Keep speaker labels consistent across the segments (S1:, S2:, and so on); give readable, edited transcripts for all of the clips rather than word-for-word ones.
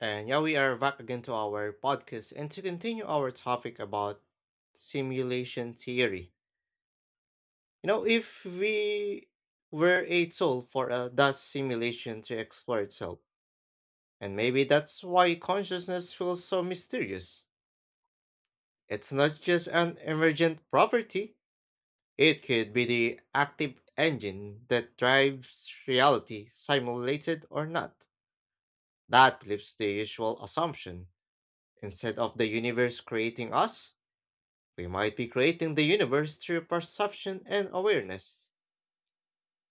S1: And yeah, we are back again to our podcast and to continue our topic about simulation theory. You know, if we were a tool for a dust simulation to explore itself, and maybe that's why consciousness feels so mysterious. It's not just an emergent property, it could be the active engine that drives reality, simulated or not. That flips the usual assumption. Instead of the universe creating us, we might be creating the universe through perception and awareness.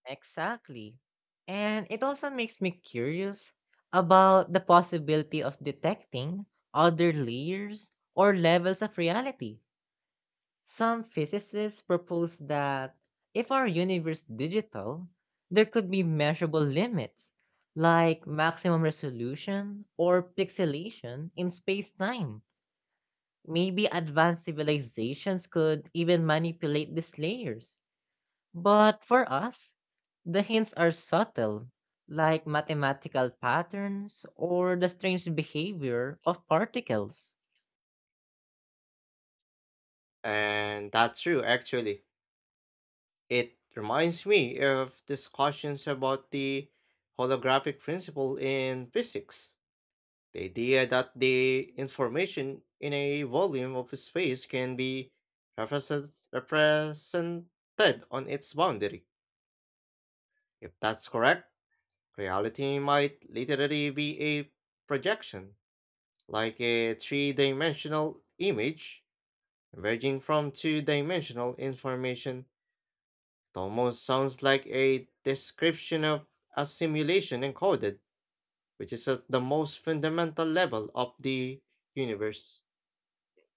S2: Exactly. And it also makes me curious about the possibility of detecting other layers or levels of reality. Some physicists propose that if our universe digital, there could be measurable limits like maximum resolution or pixelation in space-time. Maybe advanced civilizations could even manipulate these layers, but for us, the hints are subtle, like mathematical patterns or the strange behavior of particles.
S1: And that's true, actually. It reminds me of discussions about the holographic principle in physics. The idea that the information in a volume of space can be represented on its boundary. If that's correct, reality might literally be a projection, like a three dimensional image ranging from two dimensional information. It almost sounds like a description of a simulation encoded, which is at the most fundamental level of the universe.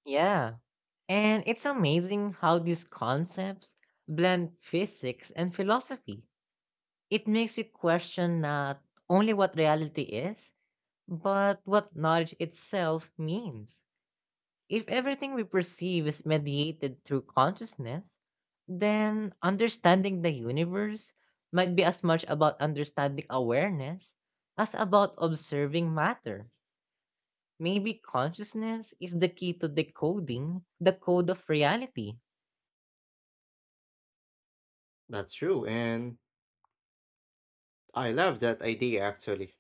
S2: Yeah, and it's amazing how these concepts blend physics and philosophy. It makes you question not only what reality is, but what knowledge itself means. If everything we perceive is mediated through consciousness, then understanding the universe might be as much about understanding awareness as about observing matter. Maybe consciousness is the key to decoding the code of reality.
S1: That's true, and I love that idea actually.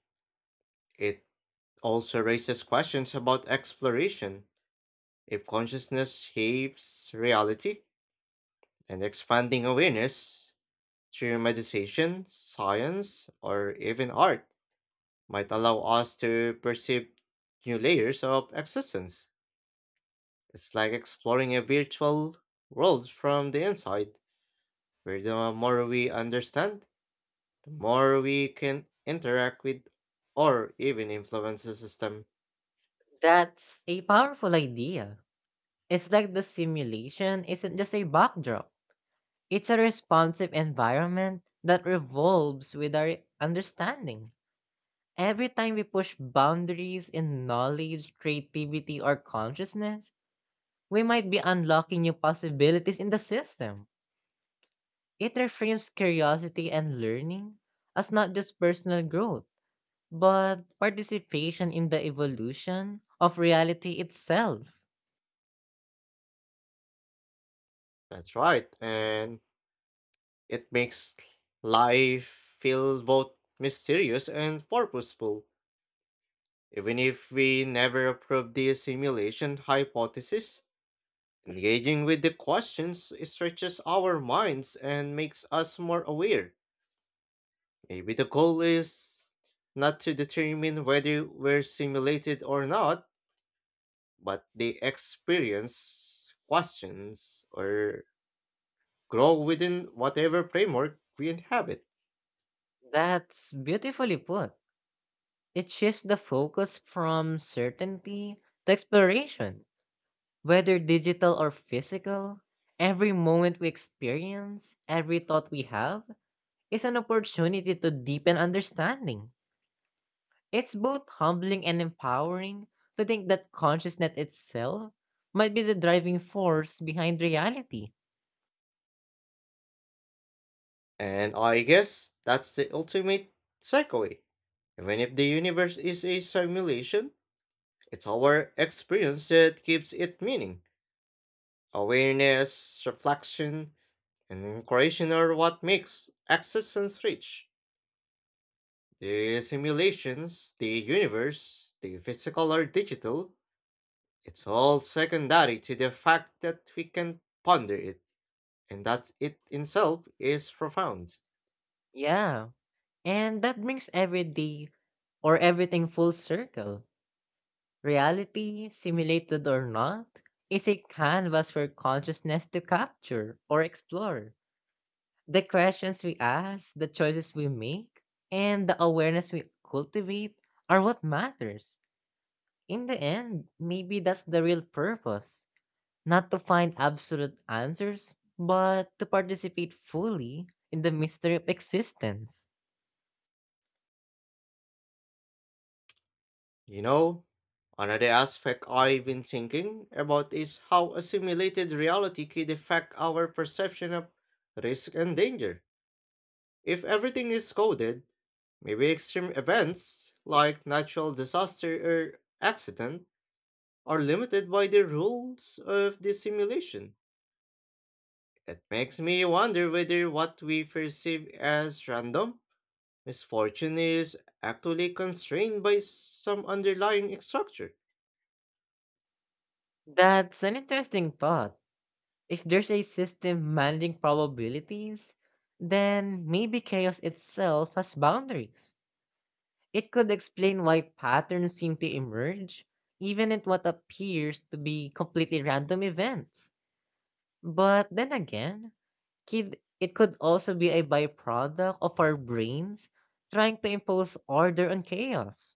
S1: It also raises questions about exploration. If consciousness shapes reality and expanding awareness through meditation, science, or even art might allow us to perceive new layers of existence. It's like exploring a virtual world from the inside, where the more we understand, the more we can interact with or even influence the system.
S2: That's a powerful idea. It's like the simulation isn't just a backdrop, it's a responsive environment that revolves with our understanding. Every time we push boundaries in knowledge, creativity, or consciousness, we might be unlocking new possibilities in the system. It reframes curiosity and learning as not just personal growth, but participation in the evolution of reality itself.
S1: That's right, and it makes life feel both mysterious and purposeful. Even if we never approve the simulation hypothesis, engaging with the questions stretches our minds and makes us more aware. Maybe the goal is not to determine whether we're simulated or not, but the experience questions or grow within whatever framework we inhabit.
S2: That's beautifully put. It shifts the focus from certainty to exploration. Whether digital or physical, every moment we experience, every thought we have, is an opportunity to deepen understanding. It's both humbling and empowering to think that consciousness itself might be the driving force behind reality.
S1: And I guess that's the ultimate takeaway. Even if the universe is a simulation, it's our experience that gives it meaning. Awareness, reflection, and in are what makes existence rich. The simulations, the universe, the physical or digital, it's all secondary to the fact that we can ponder it, and that it itself is profound.
S2: Yeah, and that brings everyday or everything full circle. Reality, simulated or not, is a canvas for consciousness to capture or explore. The questions we ask, the choices we make, and the awareness we cultivate are what matters. In the end, maybe that's the real purpose, not to find absolute answers, but to participate fully in the mystery of existence.
S1: You know, another aspect I've been thinking about is how a simulated reality could affect our perception of risk and danger. If everything is coded, maybe extreme events like natural disaster or accident are limited by the rules of the simulation. It makes me wonder whether what we perceive as random misfortune is actually constrained by some underlying structure.
S2: That's an interesting thought. If there's a system managing probabilities, then maybe chaos itself has boundaries. It could explain why patterns seem to emerge, even at what appears to be completely random events. But then again, kid, it could also be a byproduct of our brains trying to impose order on chaos.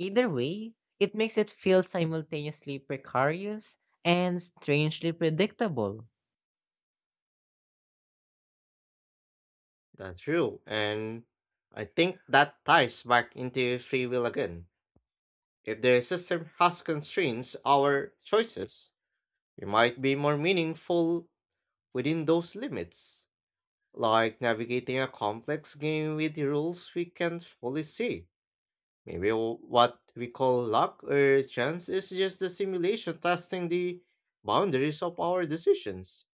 S2: Either way, it makes it feel simultaneously precarious and strangely predictable.
S1: That's true, and I think that ties back into free will again. If the system has constraints our choices, we might be more meaningful within those limits, like navigating a complex game with rules we can't fully see. Maybe what we call luck or chance is just the simulation testing the boundaries of our decisions.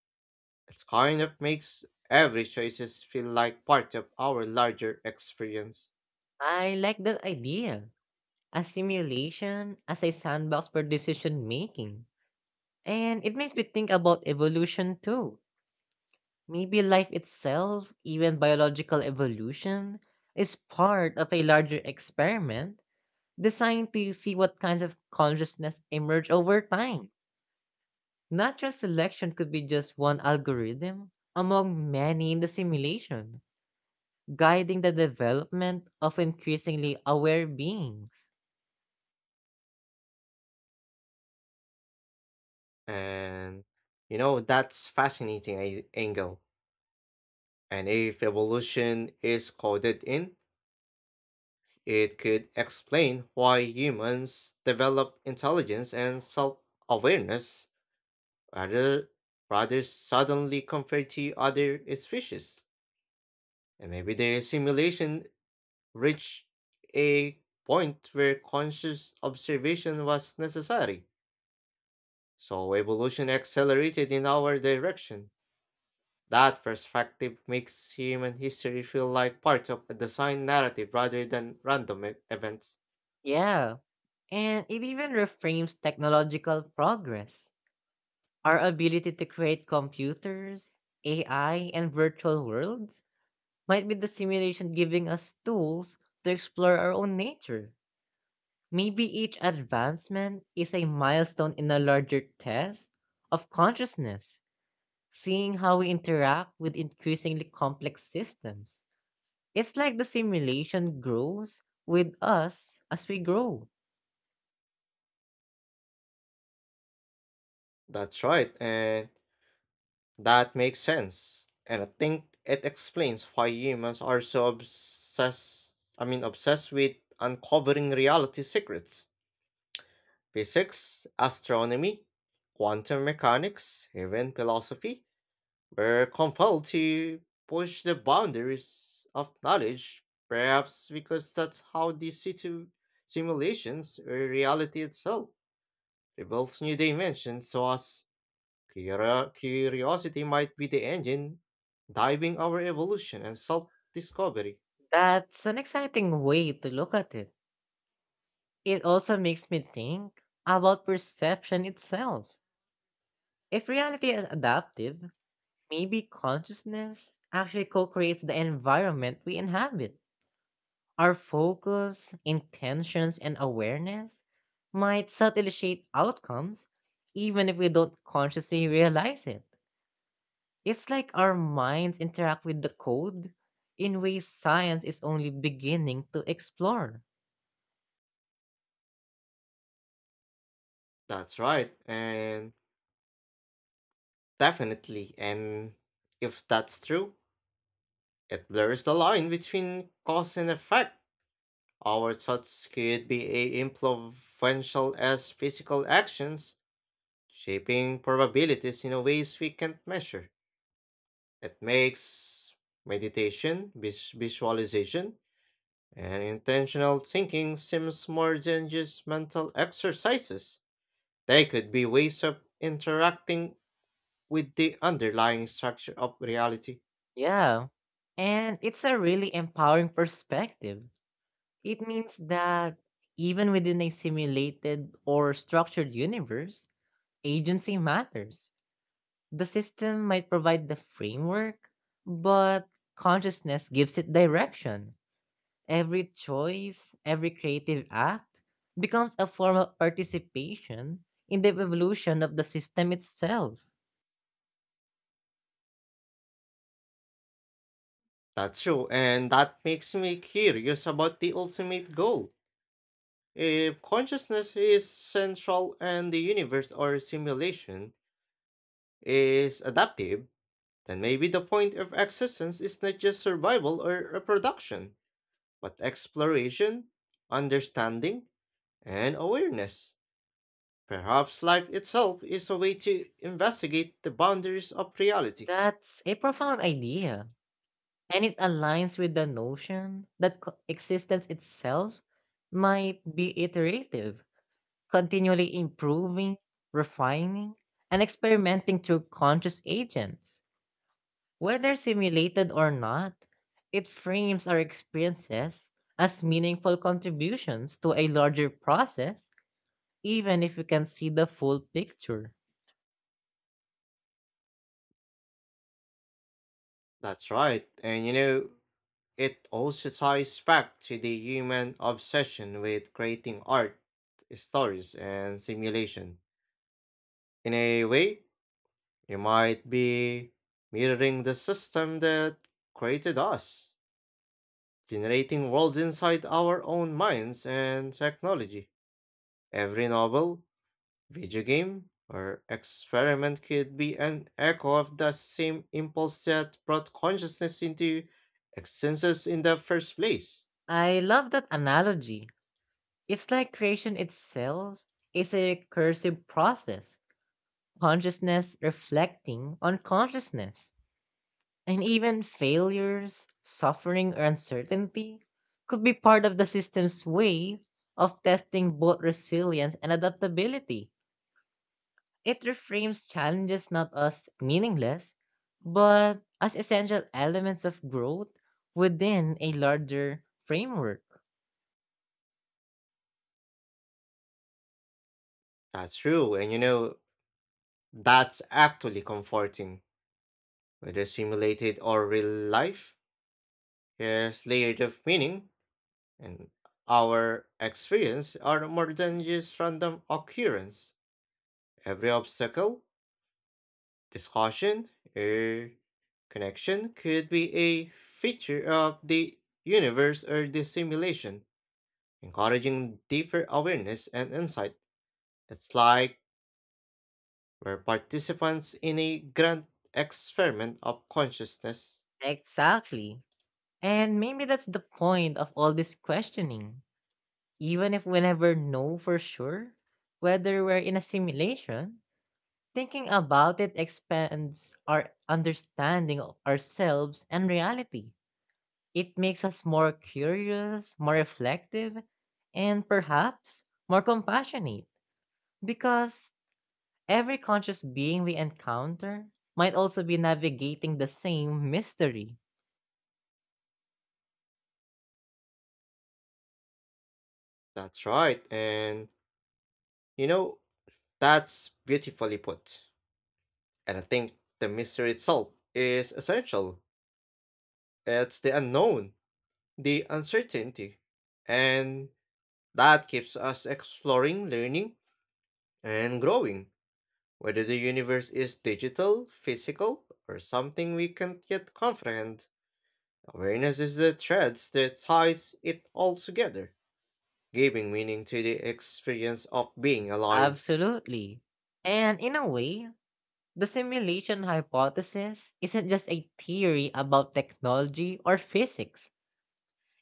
S1: It kind of makes every choices feel like part of our larger experience.
S2: I like that idea. A simulation as a sandbox for decision making. And it makes me think about evolution too. Maybe life itself, even biological evolution, is part of a larger experiment designed to see what kinds of consciousness emerge over time. Natural selection could be just one algorithm among many in the simulation, guiding the development of increasingly aware beings.
S1: And you know, that's fascinating angle. And if evolution is coded in, it could explain why humans develop intelligence and self awareness rather, rather suddenly compared to other species. And maybe the simulation reached a point where conscious observation was necessary. So evolution accelerated in our direction. That perspective makes human history feel like part of a design narrative rather than random events.
S2: Yeah, and it even reframes technological progress. Our ability to create computers, AI, and virtual worlds might be the simulation giving us tools to explore our own nature. Maybe each advancement is a milestone in a larger test of consciousness, seeing how we interact with increasingly complex systems. It's like the simulation grows with us as we grow.
S1: That's right, and that makes sense, and I think it explains why humans are so obsessed, I mean obsessed with uncovering reality secrets. Physics, astronomy, quantum mechanics, even philosophy were compelled to push the boundaries of knowledge, perhaps because that's how these simulations or reality itself reveals new dimensions to us. Curiosity might be the engine driving our evolution and self discovery.
S2: That's an exciting way to look at it. It also makes me think about perception itself. If reality is adaptive, maybe consciousness actually co creates the environment we inhabit. Our focus, intentions, and awareness might subtly shape outcomes, even if we don't consciously realize it. It's like our minds interact with the code in ways science is only beginning to explore.
S1: That's right, and definitely. And if that's true, it blurs the line between cause and effect. Our thoughts could be as influential as physical actions, shaping probabilities in ways we can't measure. It makes meditation, visualization, and intentional thinking seems more than just mental exercises. They could be ways of interacting with the underlying structure of reality.
S2: Yeah. And it's a really empowering perspective. It means that even within a simulated or structured universe, agency matters. The system might provide the framework, but consciousness gives it direction. Every choice, every creative act becomes a form of participation in the evolution of the system itself.
S1: That's true, and that makes me curious about the ultimate goal. If consciousness is central and the universe or simulation is adaptive, then maybe the point of existence is not just survival or reproduction, but exploration, understanding, and awareness. Perhaps life itself is a way to investigate the boundaries of reality.
S2: That's a profound idea, and it aligns with the notion that co- existence itself might be iterative, continually improving, refining, and experimenting through conscious agents. Whether simulated or not, it frames our experiences as meaningful contributions to a larger process, even if we can see the full picture.
S1: That's right, and you know, it also ties back to the human obsession with creating art, stories, and simulation. In a way, you might be mirroring the system that created us, generating worlds inside our own minds and technology. Every novel, video game or experiment could be an echo of the same impulse that brought consciousness into existence in the first place.
S2: I love that analogy. It's like creation itself is a recursive process, consciousness reflecting on consciousness. And even failures, suffering, or uncertainty could be part of the system's way of testing both resilience and adaptability. It reframes challenges not as meaningless, but as essential elements of growth within a larger framework.
S1: That's true, and you know, that's actually comforting. Whether simulated or real life, there's layered of meaning, and our experience are more than just random occurrence. Every obstacle, discussion, or connection could be a feature of the universe or the simulation, encouraging deeper awareness and insight. It's like we're participants in a grand experiment of consciousness.
S2: Exactly. And maybe that's the point of all this questioning. Even if we never know for sure whether we're in a simulation, thinking about it expands our understanding of ourselves and reality. It makes us more curious, more reflective, and perhaps more compassionate, because every conscious being we encounter might also be navigating the same mystery.
S1: That's right, and you know, that's beautifully put. And I think the mystery itself is essential. It's the unknown, the uncertainty, and that keeps us exploring, learning, and growing. Whether the universe is digital, physical, or something we can't yet comprehend, awareness is the thread that ties it all together, giving meaning to the experience of being alive.
S2: Absolutely. And in a way, the simulation hypothesis isn't just a theory about technology or physics.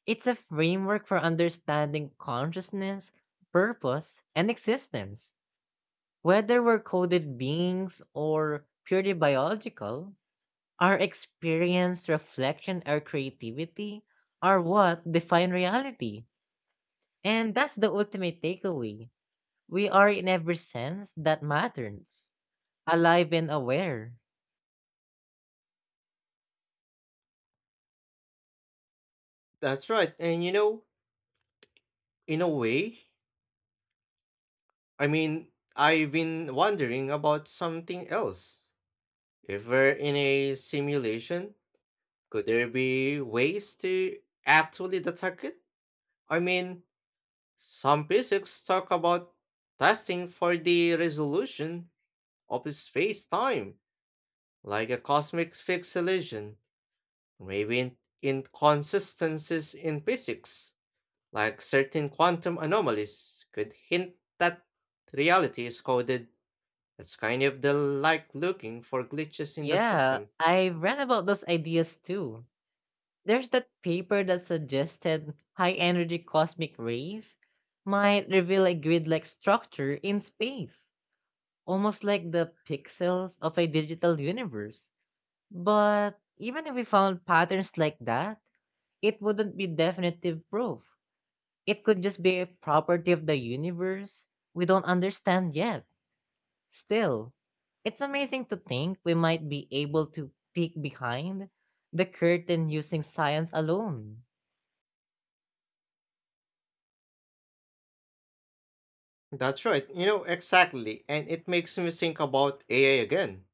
S2: It's a framework for understanding consciousness, purpose, and existence. Whether we're coded beings or purely biological, our experience, reflection, or creativity are what define reality. And that's the ultimate takeaway. We are, in every sense, that matters, alive and aware.
S1: That's right, and you know, in a way, I mean, I've been wondering about something else. If we're in a simulation, could there be ways to actually detect it? I mean, some physics talk about testing for the resolution of space-time, like a cosmic pixelation, maybe inconsistencies in physics, like certain quantum anomalies, could hint that reality is coded. It's kind of the like looking for glitches in the
S2: Yeah,
S1: system.
S2: I read about those ideas too. There's that paper that suggested high energy cosmic rays might reveal a grid like structure in space almost like the pixels of a digital universe. But even if we found patterns like that, it wouldn't be definitive proof. It could just be a property of the universe we don't understand yet. Still, it's amazing to think we might be able to peek behind the curtain using science alone.
S1: That's right, you know exactly, and it makes me think about AI again.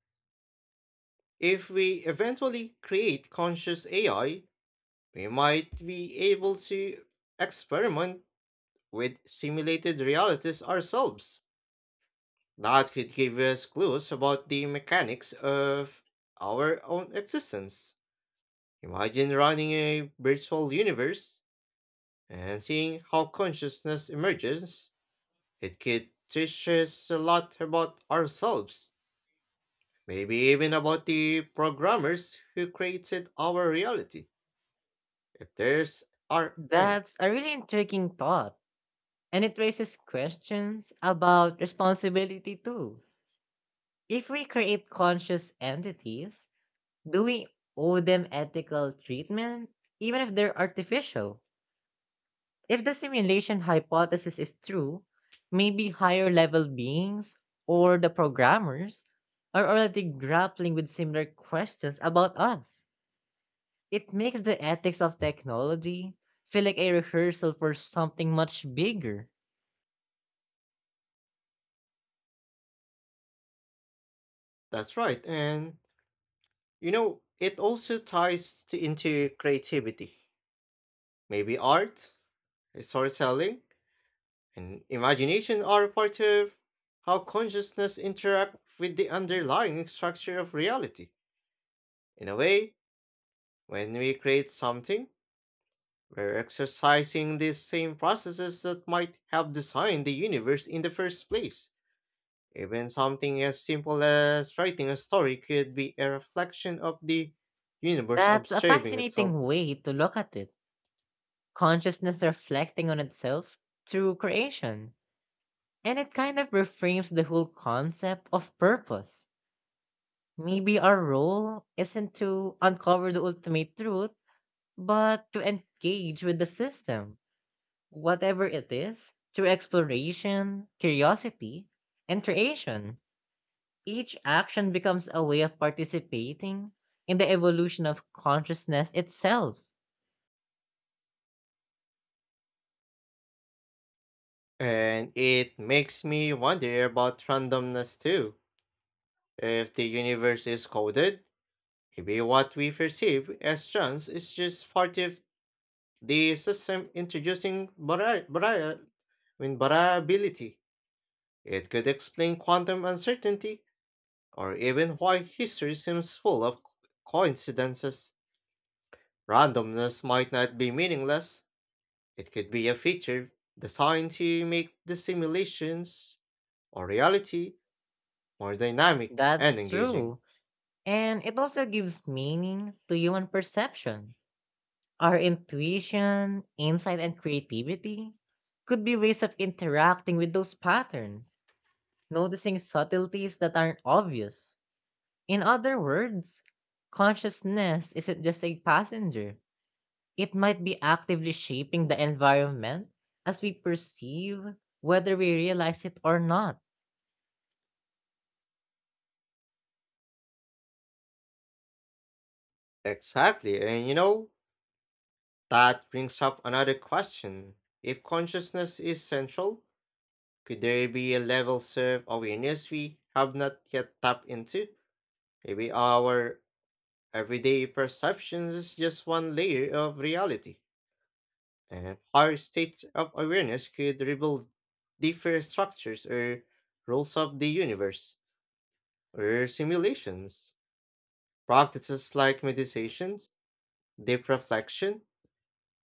S1: If we eventually create conscious AI, we might be able to experiment with simulated realities ourselves. That could give us clues about the mechanics of our own existence. Imagine running a virtual universe and seeing how consciousness emerges. It could teach us a lot about ourselves, maybe even about the programmers who created our reality, if there's are any.
S2: That's a really intriguing thought, and it raises questions about responsibility too. If we create conscious entities, do we owe them ethical treatment, even if they're artificial? If the simulation hypothesis is true, maybe higher level beings or the programmers are already grappling with similar questions about us. It makes the ethics of technology feel like a rehearsal for something much bigger.
S1: That's right, and you know, it also ties into creativity. Maybe art, storytelling, and imagination are part of how consciousness interact with the underlying structure of reality. In a way, when we create something, we're exercising these same processes that might have designed the universe in the first place. Even something as simple as writing a story could be a reflection of the universe
S2: That's a
S1: observing itself.
S2: fascinating way to look at it. Consciousness reflecting on itself through creation. And it kind of reframes the whole concept of purpose. Maybe our role isn't to uncover the ultimate truth, but to engage with the system, whatever it is, through exploration, curiosity, and creation. Each action becomes a way of participating in the evolution of consciousness itself.
S1: And it makes me wonder about randomness too. If the universe is coded, maybe what we perceive as chance is just part of the system introducing I mean, variability. It could explain quantum uncertainty, or even why history seems full of coincidences. Randomness might not be meaningless, it could be a feature designed to make the simulations or reality more dynamic and
S2: That's
S1: engaging.
S2: true. And it also gives meaning to human perception. Our intuition, insight, and creativity could be ways of interacting with those patterns, noticing subtleties that aren't obvious. In other words, consciousness isn't just a passenger, it might be actively shaping the environment as we perceive, whether we realize it or not.
S1: Exactly, and you know, that brings up another question. If consciousness is central, could there be a level of awareness we have not yet tapped into? Maybe our everyday perceptions is just one layer of reality, and our state of awareness could rebuild different structures or rules of the universe or simulations. Practices like meditations, deep reflection,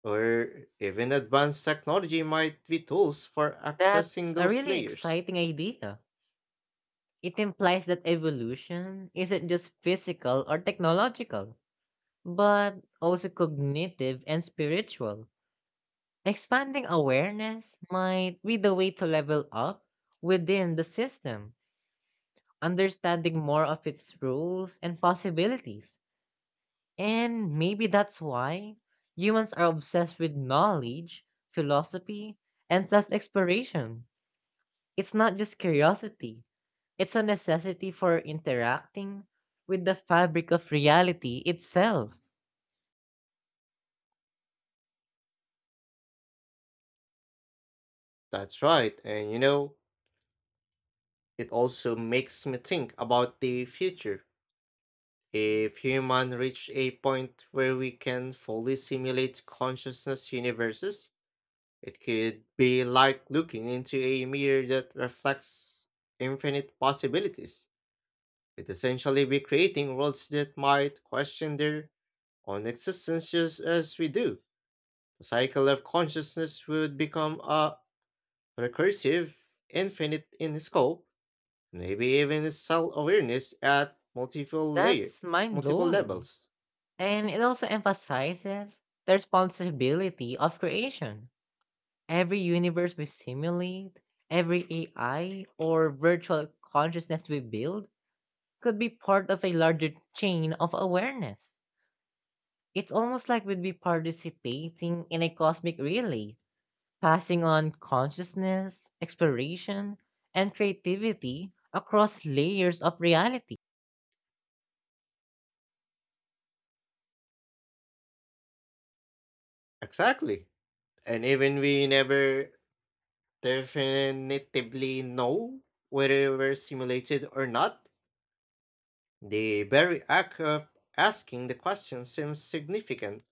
S1: or even advanced technology might be tools for
S2: That's
S1: accessing
S2: a
S1: those
S2: really
S1: layers.
S2: exciting idea. It implies that evolution isn't just physical or technological but also cognitive and spiritual. Expanding awareness might be the way to level up within the system, understanding more of its rules and possibilities. And maybe that's why humans are obsessed with knowledge, philosophy, and self exploration. It's not just curiosity, it's a necessity for interacting with the fabric of reality itself.
S1: That's right, and you know, it also makes me think about the future. If human reach a point where we can fully simulate consciousness universes, it could be like looking into a mirror that reflects infinite possibilities. It essentially be creating worlds that might question their own existence just as we do. The cycle of consciousness would become a recursive, infinite in scope, maybe even self awareness at multiple layer
S2: That's mind
S1: multiple
S2: blowing.
S1: levels.
S2: And it also emphasizes the responsibility of creation. Every universe we simulate, every AI or virtual consciousness we build could be part of a larger chain of awareness. It's almost like we'd be participating in a cosmic relay, passing on consciousness, exploration, and creativity across layers of reality.
S1: Exactly. And even we never definitively know whether we're simulated or not, the very act of asking the question seems significant.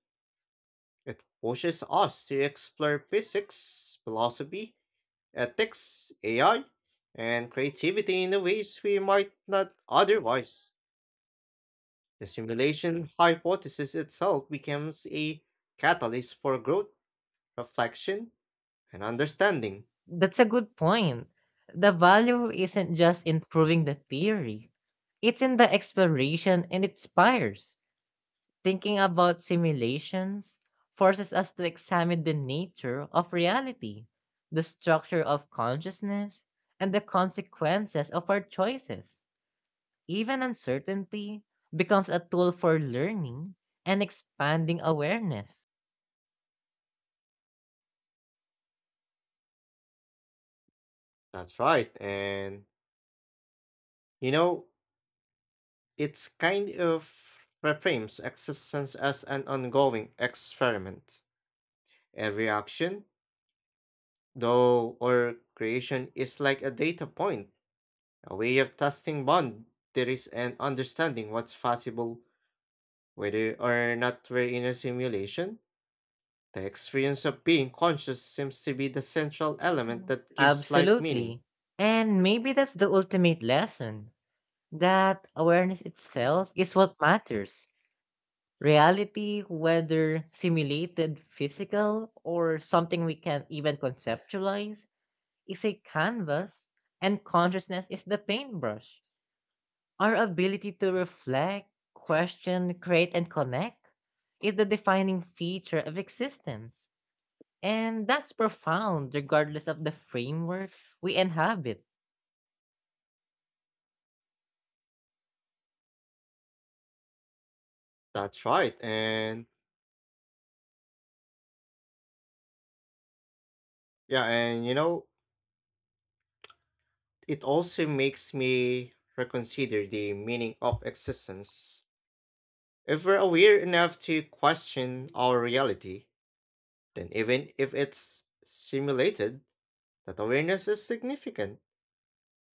S1: It pushes us to explore physics, philosophy, ethics, AI, and creativity in the ways we might not otherwise. The simulation hypothesis itself becomes a catalyst for growth, reflection, and understanding.
S2: That's a good point. The value isn't just in proving the theory, it's in the exploration and it inspires. Thinking about simulations forces us to examine the nature of reality, the structure of consciousness, and the consequences of our choices. Even uncertainty becomes a tool for learning and expanding awareness.
S1: That's right. And, you know, it's kind of reframes existence as an ongoing experiment. Every action, though, or creation is like a data point, a way of testing boundaries and understanding what's possible. Whether or not we're in a simulation, the experience of being conscious seems to be the central element that gives life meaning.
S2: Absolutely. And maybe that's the ultimate lesson. That awareness itself is what matters. Reality, whether simulated, physical, or something we can even conceptualize, is a canvas, and consciousness is the paintbrush. Our ability to reflect, question, create, and connect is the defining feature of existence. And that's profound, regardless of the framework we inhabit.
S1: That's right. And yeah, and you know, it also makes me reconsider the meaning of existence. If we're aware enough to question our reality, then even if it's simulated, that awareness is significant.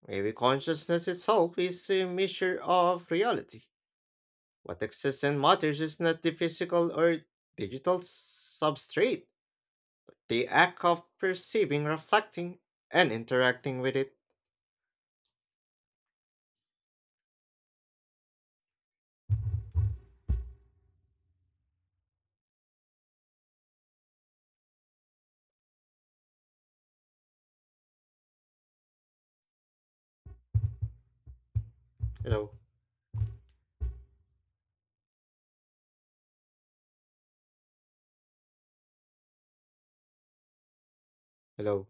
S1: Maybe consciousness itself is a measure of reality. What exists and matters is not the physical or digital substrate, the act of perceiving, reflecting, and interacting with it. Hello. Hello.